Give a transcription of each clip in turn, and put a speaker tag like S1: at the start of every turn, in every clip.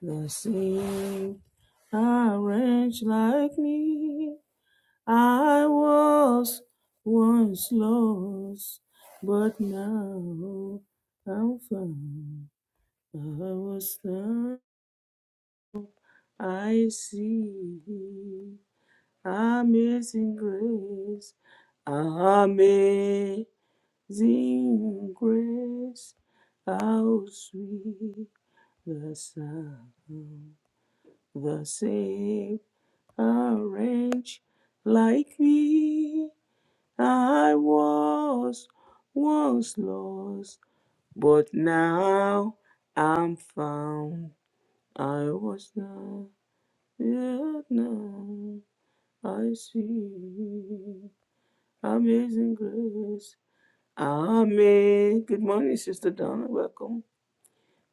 S1: Blessing a wretch like me. I was once lost, but now I'm found. I was found. I see amazing grace, amazing grace. How sweet the sound, the same. orange like me. I was once lost, but now I'm found. I was not, yet now I see. Amazing grace. Amen. Good morning, Sister Donna. Welcome.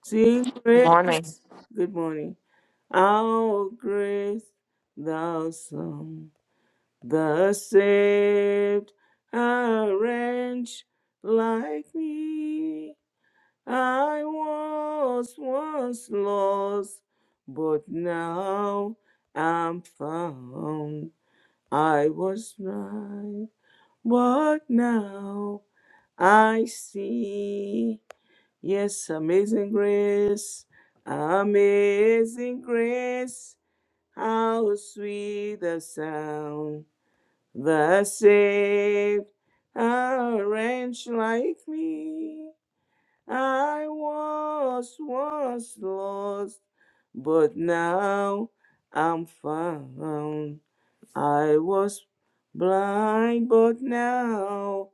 S1: Sing
S2: Morning.
S1: grace. Good morning. Our grace, thou song. The saved are wretch like me. I was once lost, but now I'm found. I was blind, but now I see. Yes, amazing grace, amazing grace. How sweet the sound the saved, are wretch like me, I was once lost, but now I'm found. I was blind, but now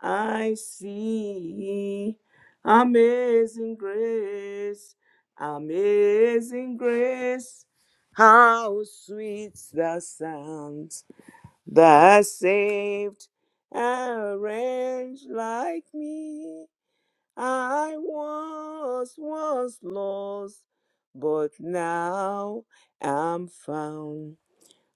S1: I see. Amazing grace, amazing grace, how sweet the sound Thy saved a wretch like me. I was was lost, but now am found.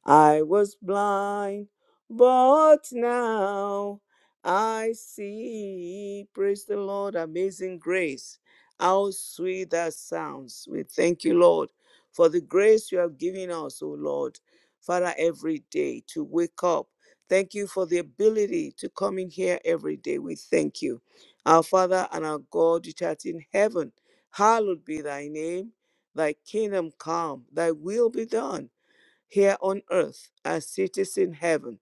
S1: I was blind, but now I see. Praise the Lord, amazing grace. How sweet that sounds. We thank you, Lord, for the grace you have given us, O Lord, Father, every day to wake up. Thank you for the ability to come in here every day. We thank you. Our Father and our God, which art in heaven, hallowed be thy name. Thy kingdom come, thy will be done here on earth as cities in heaven.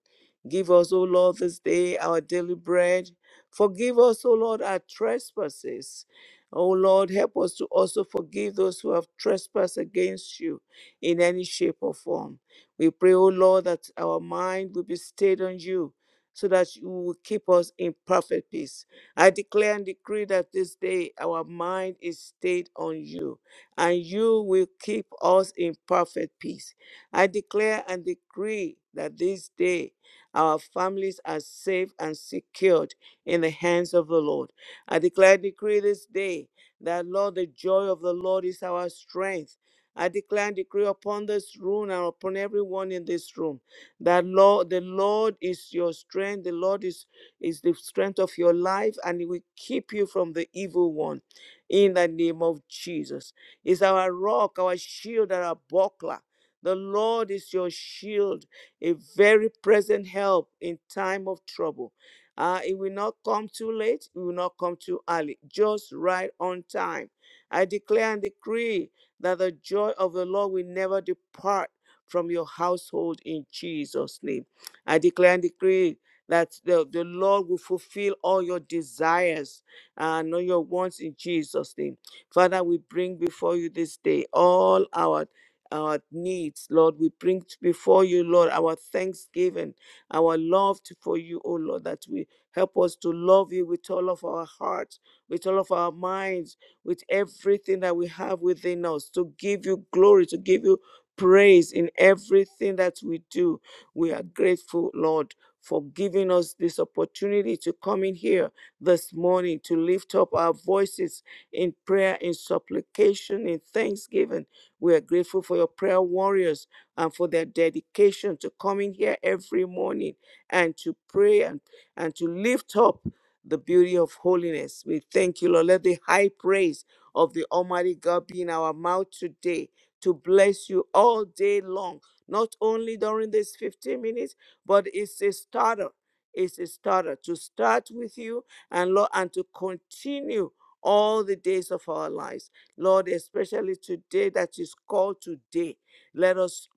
S1: Give us, O Lord, this day our daily bread. Forgive us, O Lord, our trespasses. O Lord, help us to also forgive those who have trespassed against you in any shape or form. We pray, O Lord, that our mind will be stayed on you so that you will keep us in perfect peace. I declare and decree that this day our mind is stayed on you and you will keep us in perfect peace. I declare and decree that this day our families are safe and secured in the hands of the Lord. I declare and decree this day that, Lord, the joy of the Lord is our strength. I declare and decree upon this room and upon everyone in this room that Lord, the Lord is your strength, the Lord is, is the strength of your life, and He will keep you from the evil one in the name of Jesus. Is our rock, our shield, and our buckler. The Lord is your shield, a very present help in time of trouble. Uh, it will not come too late, it will not come too early, just right on time. I declare and decree that the joy of the Lord will never depart from your household in Jesus' name. I declare and decree that the, the Lord will fulfill all your desires and all your wants in Jesus' name. Father, we bring before you this day all our our needs, Lord. We bring t- before you, Lord, our thanksgiving, our love to, for you, oh Lord, that we help us to love you with all of our hearts, with all of our minds, with everything that we have within us, to give you glory, to give you praise in everything that we do. We are grateful, Lord. For giving us this opportunity to come in here this morning to lift up our voices in prayer, in supplication, in thanksgiving we are grateful for your prayer warriors and for their dedication to coming here every morning and to pray and, and to lift up the beauty of holiness. We thank you, Lord. Let the high praise of the Almighty God be in our mouth today to bless you all day long, not only during these 15 minutes, but it's a starter. It's a starter to start with you and Lord and to continue all the days of our lives. Lord, especially today that is called today, let us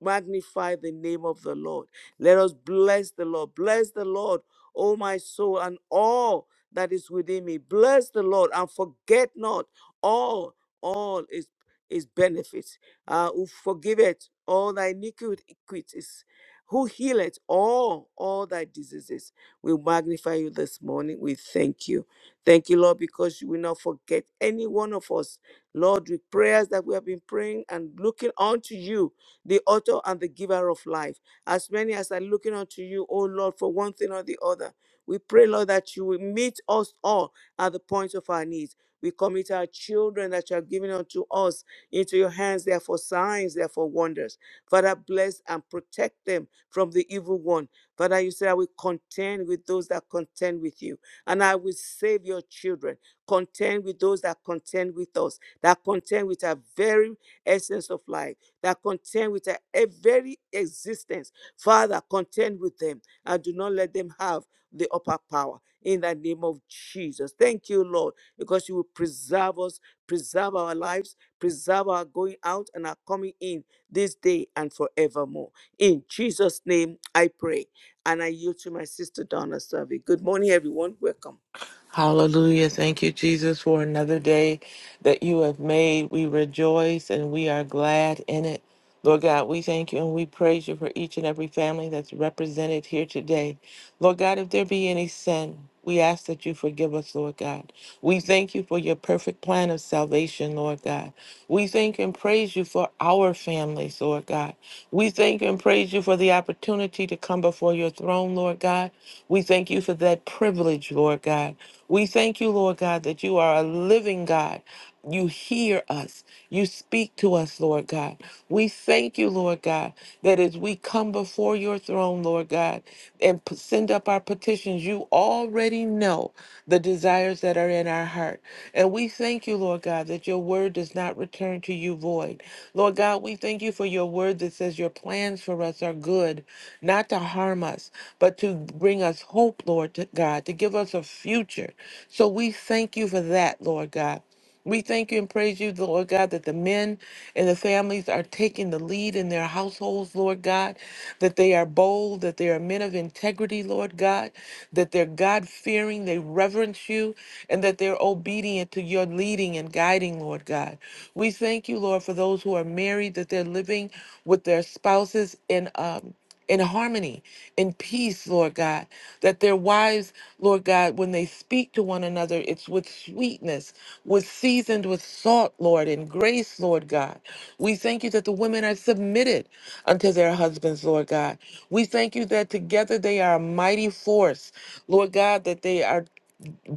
S1: magnify the name of the Lord. Let us bless the Lord. Bless the Lord, O my soul, and all that is within me. Bless the Lord and forget not all, all is his benefits, uh, who forgiveth all thy iniquities, who healeth all, all thy diseases. We magnify you this morning. We thank you. Thank you, Lord, because you will not forget any one of us. Lord, with prayers that we have been praying and looking unto you, the author and the giver of life, as many as are looking unto you, oh Lord, for one thing or the other. We pray, Lord, that you will meet us all at the point of our needs. We commit our children that you have given unto us into your hands. They are for signs, they are for wonders. Father, bless and protect them from the evil one. Father, you say, I will contend with those that contend with you and I will save your children. Contend with those that contend with us, that contend with our very essence of life, that contend with our e- very existence. Father, contend with them and do not let them have the upper power in the name of Jesus. Thank you, Lord, because you will preserve us, preserve our lives, preserve our going out and our coming in this day and forevermore. In Jesus' name, I pray. And I yield to my sister Donna Survey. Good morning, everyone. Welcome.
S2: Hallelujah. Thank you, Jesus, for another day that you have made. We rejoice and we are glad in it. Lord God, we thank you and we praise you for each and every family that's represented here today. Lord God, if there be any sin, we ask that you forgive us, Lord God. We thank you for your perfect plan of salvation, Lord God. We thank and praise you for our families, Lord God. We thank and praise you for the opportunity to come before your throne, Lord God. We thank you for that privilege, Lord God. We thank you, Lord God, that you are a living God. You hear us. You speak to us, Lord God. We thank you, Lord God, that as we come before your throne, Lord God, and p- send up our petitions, you already know the desires that are in our heart. And we thank you, Lord God, that your word does not return to you void. Lord God, we thank you for your word that says your plans for us are good, not to harm us, but to bring us hope, Lord to God, to give us a future. So we thank you for that, Lord God. We thank you and praise you, the Lord God, that the men and the families are taking the lead in their households, Lord God, that they are bold, that they are men of integrity, Lord God, that they're God fearing, they reverence you, and that they're obedient to your leading and guiding, Lord God. We thank you, Lord, for those who are married, that they're living with their spouses in um in harmony, in peace, Lord God. That their wives, Lord God, when they speak to one another, it's with sweetness, with seasoned with salt, Lord, and grace, Lord God. We thank you that the women are submitted unto their husbands, Lord God. We thank you that together they are a mighty force, Lord God, that they are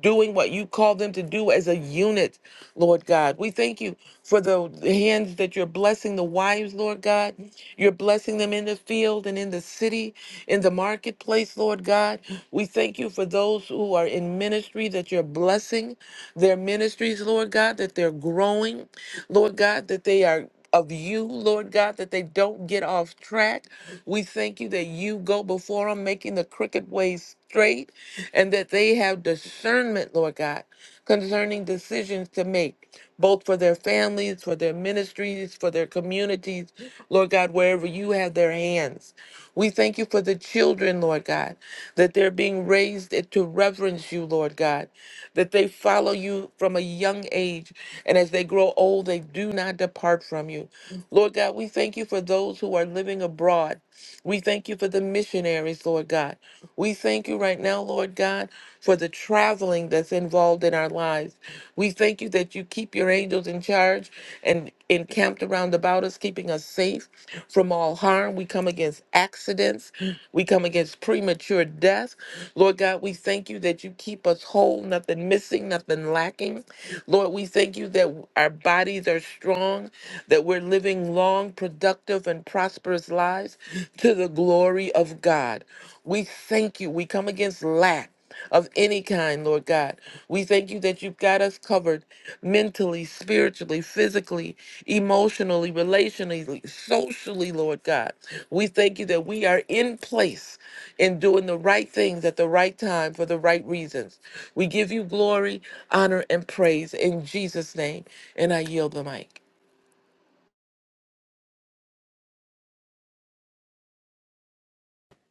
S2: doing what you call them to do as a unit, Lord God. We thank you for the hands that you're blessing the wives, Lord God. You're blessing them in the field and in the city, in the marketplace, Lord God. We thank you for those who are in ministry that you're blessing their ministries, Lord God, that they're growing, Lord God, that they are of you, Lord God, that they don't get off track. We thank you that you go before them, making the crooked ways straight, and that they have discernment, Lord God, concerning decisions to make, both for their families, for their ministries, for their communities, Lord God, wherever you have their hands. We thank you for the children, Lord God, that they're being raised to reverence you, Lord God, that they follow you from a young age. And as they grow old, they do not depart from you. Lord God, we thank you for those who are living abroad. We thank you for the missionaries, Lord God. We thank you right now, Lord God, for the traveling that's involved in our lives. We thank you that you keep your angels in charge and encamped around about us, keeping us safe from all harm. We come against accidents. We come against premature death. Lord God, we thank you that you keep us whole, nothing missing, nothing lacking. Lord, we thank you that our bodies are strong, that we're living long, productive, and prosperous lives to the glory of God. We thank you. We come against lack of any kind, Lord God. We thank you that you've got us covered mentally, spiritually, physically, emotionally, relationally, socially, Lord God. We thank you that we are in place in doing the right things at the right time for the right reasons. We give you glory, honor, and praise in Jesus' name. And I yield the mic.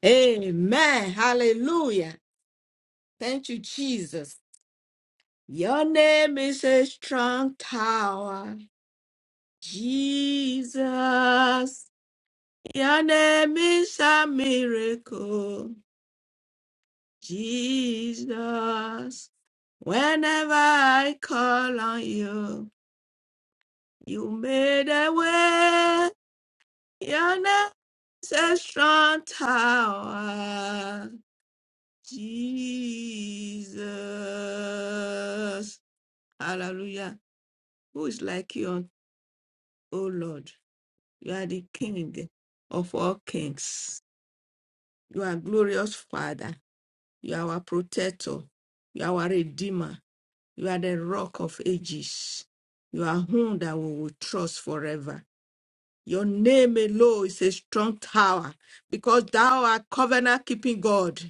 S3: Amen. Hallelujah. Thank you, Jesus. Your name is a strong tower, Jesus. Your name is a miracle, Jesus. Whenever I call on you, you made a way. Your name is a strong tower, Jesus. Hallelujah. Who is like you, O Lord? You are the King of all kings. You are glorious Father. You are our protector. You are our Redeemer. You are the rock of ages. You are whom that we will trust forever. Your name alone is a strong tower because thou art covenant keeping God.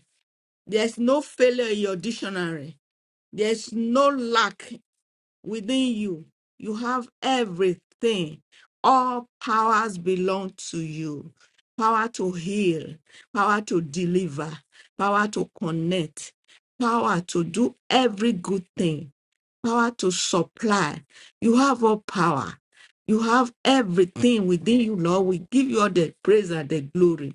S3: There's no failure in your dictionary. There's no lack within you. You have everything. All powers belong to you power to heal, power to deliver, power to connect, power to do every good thing, power to supply. You have all power. You have everything within you, Lord. We give you all the praise and the glory.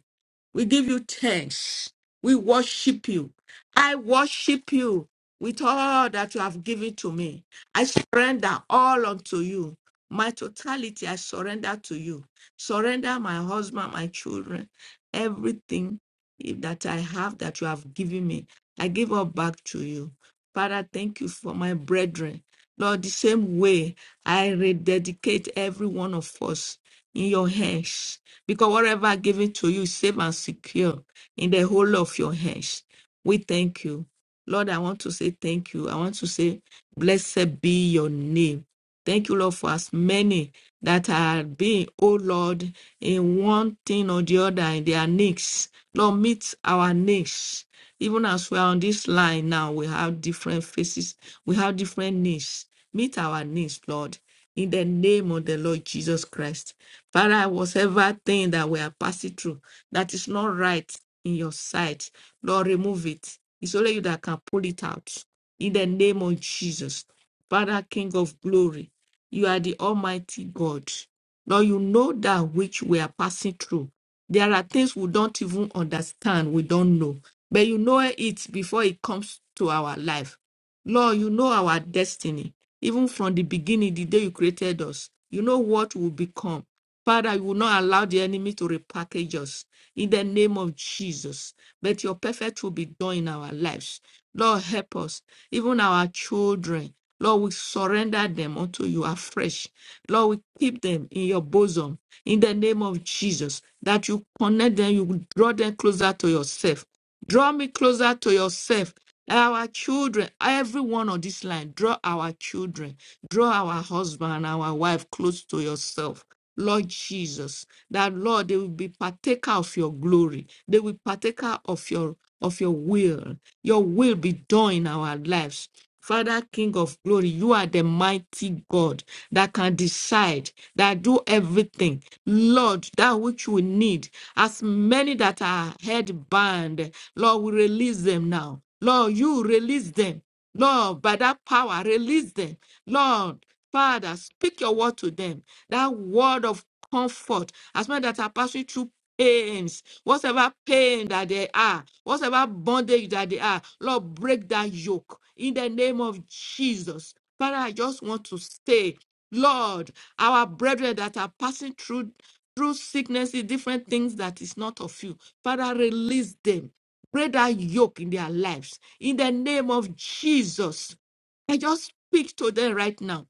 S3: We give you thanks. We worship you. I worship you with all that you have given to me. I surrender all unto you. My totality, I surrender to you. Surrender my husband, my children, everything that I have that you have given me. I give all back to you. Father, thank you for my brethren. Lord, the same way I rededicate every one of us in your hands. Because whatever given to you, is safe and secure in the whole of your hands. We thank you. Lord, I want to say thank you. I want to say, blessed be your name. Thank you, Lord, for as many that are being, oh Lord, in one thing or the other in their needs. Lord, meet our needs. Even as we are on this line now, we have different faces, we have different needs. Meet our needs, Lord, in the name of the Lord Jesus Christ. Father, whatever thing that we are passing through that is not right in your sight, Lord, remove it. It's only you that can pull it out. In the name of Jesus, Father, King of glory, you are the Almighty God. Lord, you know that which we are passing through. There are things we don't even understand, we don't know, but you know it before it comes to our life. Lord, you know our destiny. Even from the beginning, the day you created us, you know what will become. Father, you will not allow the enemy to repackage us in the name of Jesus. But your perfect will be done in our lives. Lord, help us, even our children. Lord, we surrender them unto you afresh. Lord, we keep them in your bosom in the name of Jesus, that you connect them, you draw them closer to yourself Draw me closer to yourself. Our children, everyone on this line, draw our children, draw our husband and our wife close to yourself. Lord Jesus, that Lord, they will be partaker of your glory. They will partaker of your of your will. Your will be done in our lives. Father, King of glory, you are the mighty God that can decide, that do everything. Lord, that which we need, as many that are head bound. Lord, we release them now. Lord, you release them. Lord, by that power, release them. Lord, Father, speak your word to them. That word of comfort, as men that are passing through pains, whatever pain that they are, whatever bondage that they are, Lord, break that yoke in the name of Jesus. Father, I just want to say, Lord, our brethren that are passing through through sicknesses, different things that is not of you. Father, release them break that yoke in their lives in the name of Jesus. I just speak to them right now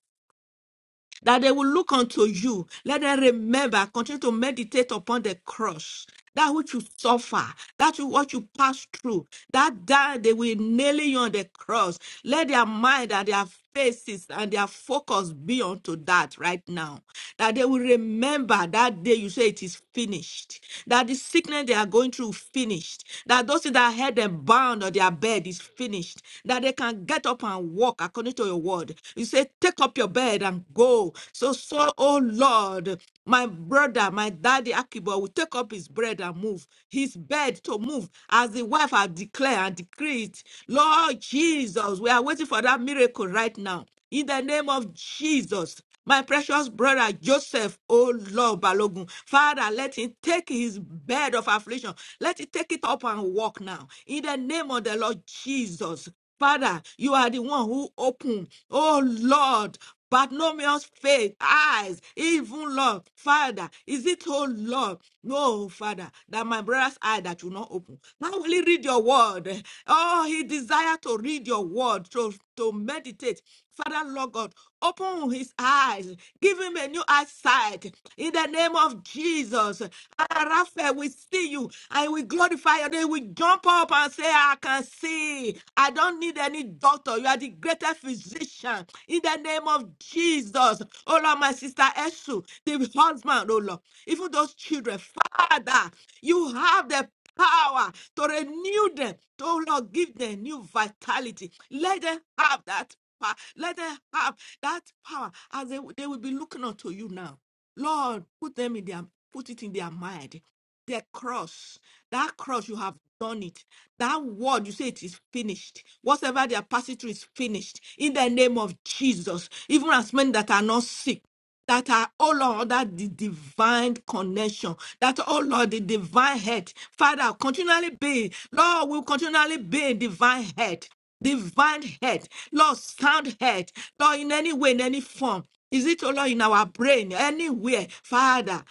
S3: that they will look unto you. Let them remember, continue to meditate upon the cross, that which you suffer, that you, what you pass through, that day they will nail you on the cross. Let their mind and their faces and their focus be unto that right now. That they will remember that day you say it is finished. That the sickness they are going through finished. That those that had them bound on their bed is finished. That they can get up and walk according to your word. You say, Take up your bed and go. So, so, oh Lord, my brother, my daddy Akibo will take up his bread and move, his bed to move, as the wife had declared and decreed. Lord Jesus, we are waiting for that miracle right now. In the name of Jesus. My precious brother Joseph, oh Lord Balogun, Father, let him take his bed of affliction. Let him take it up and walk now. In the name of the Lord Jesus. Father, you are the one who opened, oh Lord, Bartimaeus' faith, eyes, even Lord, Father, is it, oh Lord, no, Father, that my brother's eye that will not open? Now will he read your word? Oh, he desire to read your word, to, to meditate. Father, Lord God, open his eyes, give him a new eyesight in the name of Jesus. Ah, Raphael, we see you and we glorify your name. We jump up and say, I can see. I don't need any doctor. You are the greatest physician in the name of Jesus. Oh Lord, my sister Esu, the husband, oh Lord, even those children, Father, you have the power to renew them, to oh Lord, give them new vitality. Let them have that power. Let them have that power as they, they will be looking unto you now. Lord, put them in their put it in their mind. Their cross, that cross, you have done it. That word, you say it is finished. Whatever they are passing through is finished. In the name of Jesus, even as many that are not sick that are, oh Lord, that the divine connection, that, oh Lord, the divine head. Father, continually be, Lord, will continually be divine head, divine head, Lord, sound head, Lord, in any way, in any form. Is it, oh Lord, in our brain, anywhere? Father,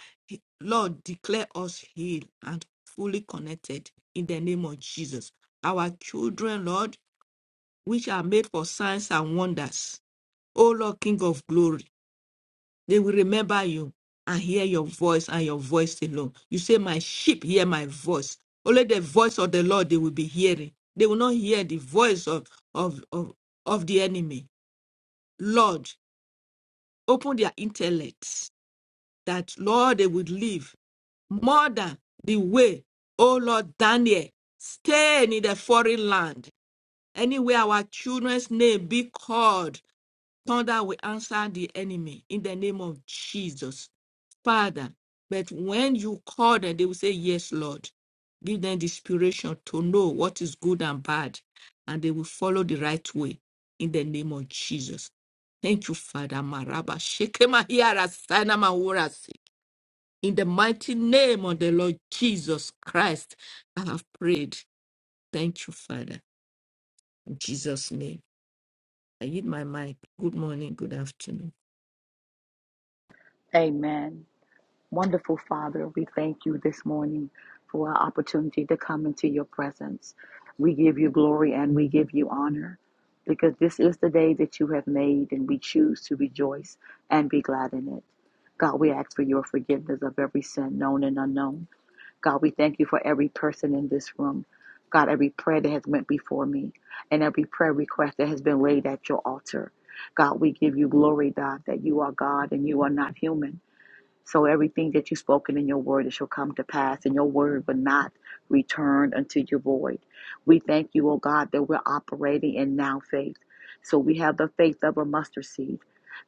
S3: Lord, declare us healed and fully connected in the name of Jesus. Our children, Lord, which are made for signs and wonders. O Lord, King of glory. They will remember you and hear your voice and your voice alone. You say, My sheep hear my voice. Only the voice of the Lord they will be hearing. They will not hear the voice of, of, of, of the enemy. Lord, open their intellects that, Lord, they would live more than the way, oh Lord Daniel, staying in the foreign land. Anywhere our children's name be called Thunder will answer the enemy in the name of Jesus. Father, but when you call them, they will say, Yes, Lord. Give them the inspiration to know what is good and bad, and they will follow the right way in the name of Jesus. Thank you, Father Maraba. Shekema hiara sana maurasi. In the mighty name of the Lord Jesus Christ, I have prayed. Thank you, Father. In Jesus' name. I yield my mic. Good morning, good afternoon.
S4: Amen. Wonderful Father, we thank you this morning for our opportunity to come into your presence. We give you glory and we give you honor because this is the day that you have made and we choose to rejoice and be glad in it. God, we ask for your forgiveness of every sin known and unknown. God, we thank you for every person in this room. God, every prayer that has went before me and every prayer request that has been laid at your altar. God, we give you glory, God, that you are God and you are not human. So everything that you've spoken in your word, it shall come to pass, and your word will not return unto your void. We thank you, O God, that we're operating in now faith. So we have the faith of a mustard seed,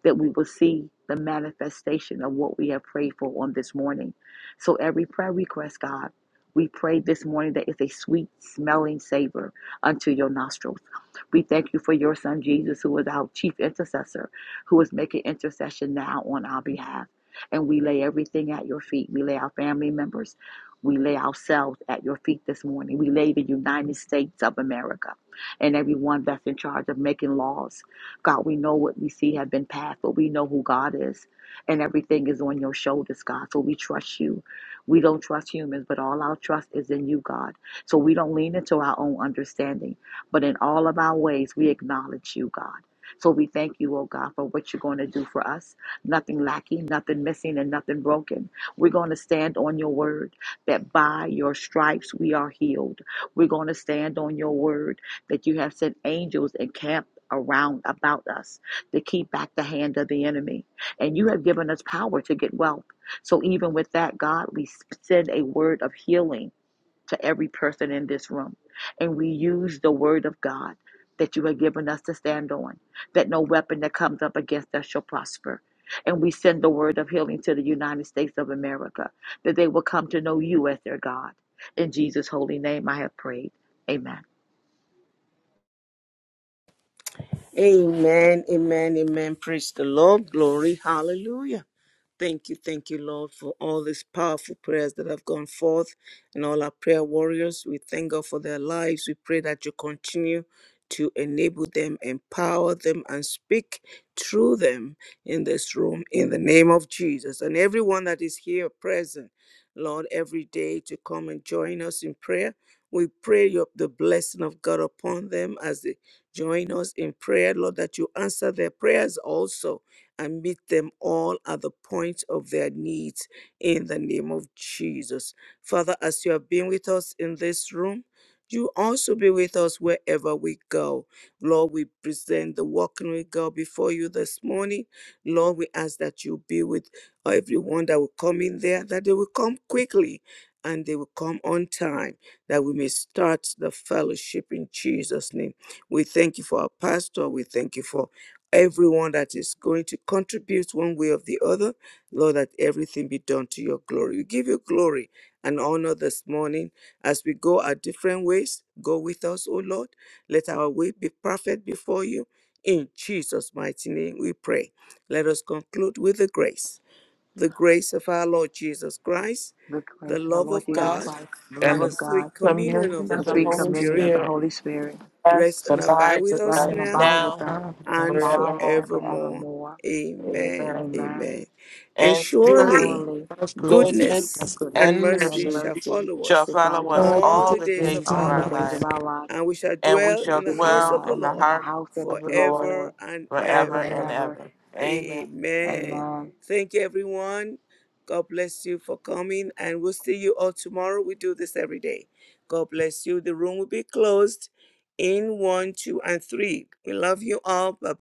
S4: that we will see the manifestation of what we have prayed for on this morning. So every prayer request, God, we pray this morning that it's a sweet smelling savor unto your nostrils. We thank you for your son Jesus, who is our chief intercessor, who is making intercession now on our behalf. And we lay everything at your feet. We lay our family members. We lay ourselves at your feet this morning. We lay the United States of America and everyone that's in charge of making laws. God, we know what we see have been passed, but we know who God is. And everything is on your shoulders, God. So we trust you. We don't trust humans, but all our trust is in you, God. So we don't lean into our own understanding, but in all of our ways, we acknowledge you, God. So we thank you, oh God, for what you're going to do for us nothing lacking, nothing missing, and nothing broken. We're going to stand on your word that by your stripes we are healed. We're going to stand on your word that you have sent angels encamped around about us to keep back the hand of the enemy. And you have given us power to get wealth. So even with that, God, we send a word of healing to every person in this room. And we use the word of God that you have given us to stand on, that no weapon that comes up against us shall prosper. And we send the word of healing to the United States of America, that they will come to know you as their God. In Jesus' holy name, I have prayed. Amen.
S1: Amen, amen, amen. Praise the Lord. Glory. Hallelujah. Thank you, thank you, Lord, for all these powerful prayers that have gone forth and all our prayer warriors. We thank God for their lives. We pray that you continue to enable them, empower them, and speak through them in this room in the name of Jesus. And everyone that is here present, Lord, every day to come and join us in prayer. We pray your, the blessing of God upon them as they join us in prayer, Lord, that you answer their prayers also and meet them all at the point of their needs in the name of Jesus. Father, as you have been with us in this room, you also be with us wherever we go. Lord, we present the walking we go before you this morning. Lord, we ask that you be with everyone that will come in there, that they will come quickly and they will come on time, that we may start the fellowship in Jesus' name. We thank you for our pastor. We thank you for everyone that is going to contribute one way or the other. Lord, that everything be done to your glory. We give you glory and honor this morning as we go our different ways. Go with us, O Lord. Let our way be perfect before you. In Jesus' mighty name we pray. Let us conclude with the grace. The grace of our Lord Jesus Christ,
S4: The
S1: the
S4: grace of our
S1: love of
S4: Lord Jesus
S1: God,
S2: House
S4: Christ, the love
S2: And
S1: and the
S4: of
S2: the
S1: sweet
S4: God,
S1: communion of
S2: communion
S1: the
S2: of
S4: the
S2: the
S4: sweet
S1: Holy
S2: Holy
S4: communion
S1: Spirit
S4: of the
S2: Spirit,
S4: Holy Spirit,
S1: rest
S2: rest
S1: and abide
S2: abides
S1: with
S2: with
S4: rest
S1: us
S4: and
S2: us
S1: now
S4: abide with
S2: now
S4: us
S2: and
S1: and
S4: now
S2: forevermore.
S4: and
S1: forevermore.
S4: forevermore.
S1: Amen.
S2: Amen.
S4: Amen.
S1: Amen. And
S2: and
S4: And
S2: goodness
S1: surely
S4: surely.
S3: That's good. That's- good.
S2: goodness
S1: goodness
S3: that's-
S1: and
S4: goodness
S2: and
S4: and
S1: mercy
S2: mercy
S1: shall
S4: mercy
S1: follow
S2: shall
S1: us
S4: should
S2: follow
S4: follow
S2: us
S4: us
S3: I can
S1: all
S2: all
S3: see
S1: the
S2: the
S1: days
S3: this
S1: of
S2: days of
S4: all
S1: our
S4: the
S2: our
S3: time.
S4: days
S2: life,
S4: of
S1: lives,
S4: our lives.
S1: and we shall
S2: and we
S1: dwell
S4: We
S2: shall
S1: in the
S4: should
S1: house
S2: dwell
S1: of the
S2: in
S4: dwell
S2: the
S1: Lord
S4: in the
S2: heart
S4: house of
S2: of the
S4: the
S2: Lord
S1: forever
S4: Lord
S1: and
S2: forever
S4: forever and
S2: and
S1: ever.
S4: ever.
S2: ever. Amen.
S1: Amen.
S4: Amen.
S1: Thank you, everyone. God bless you for coming, and we'll see you all tomorrow. We do this every day. God bless you. The room will be closed in one, two, and three. We love you all. Bye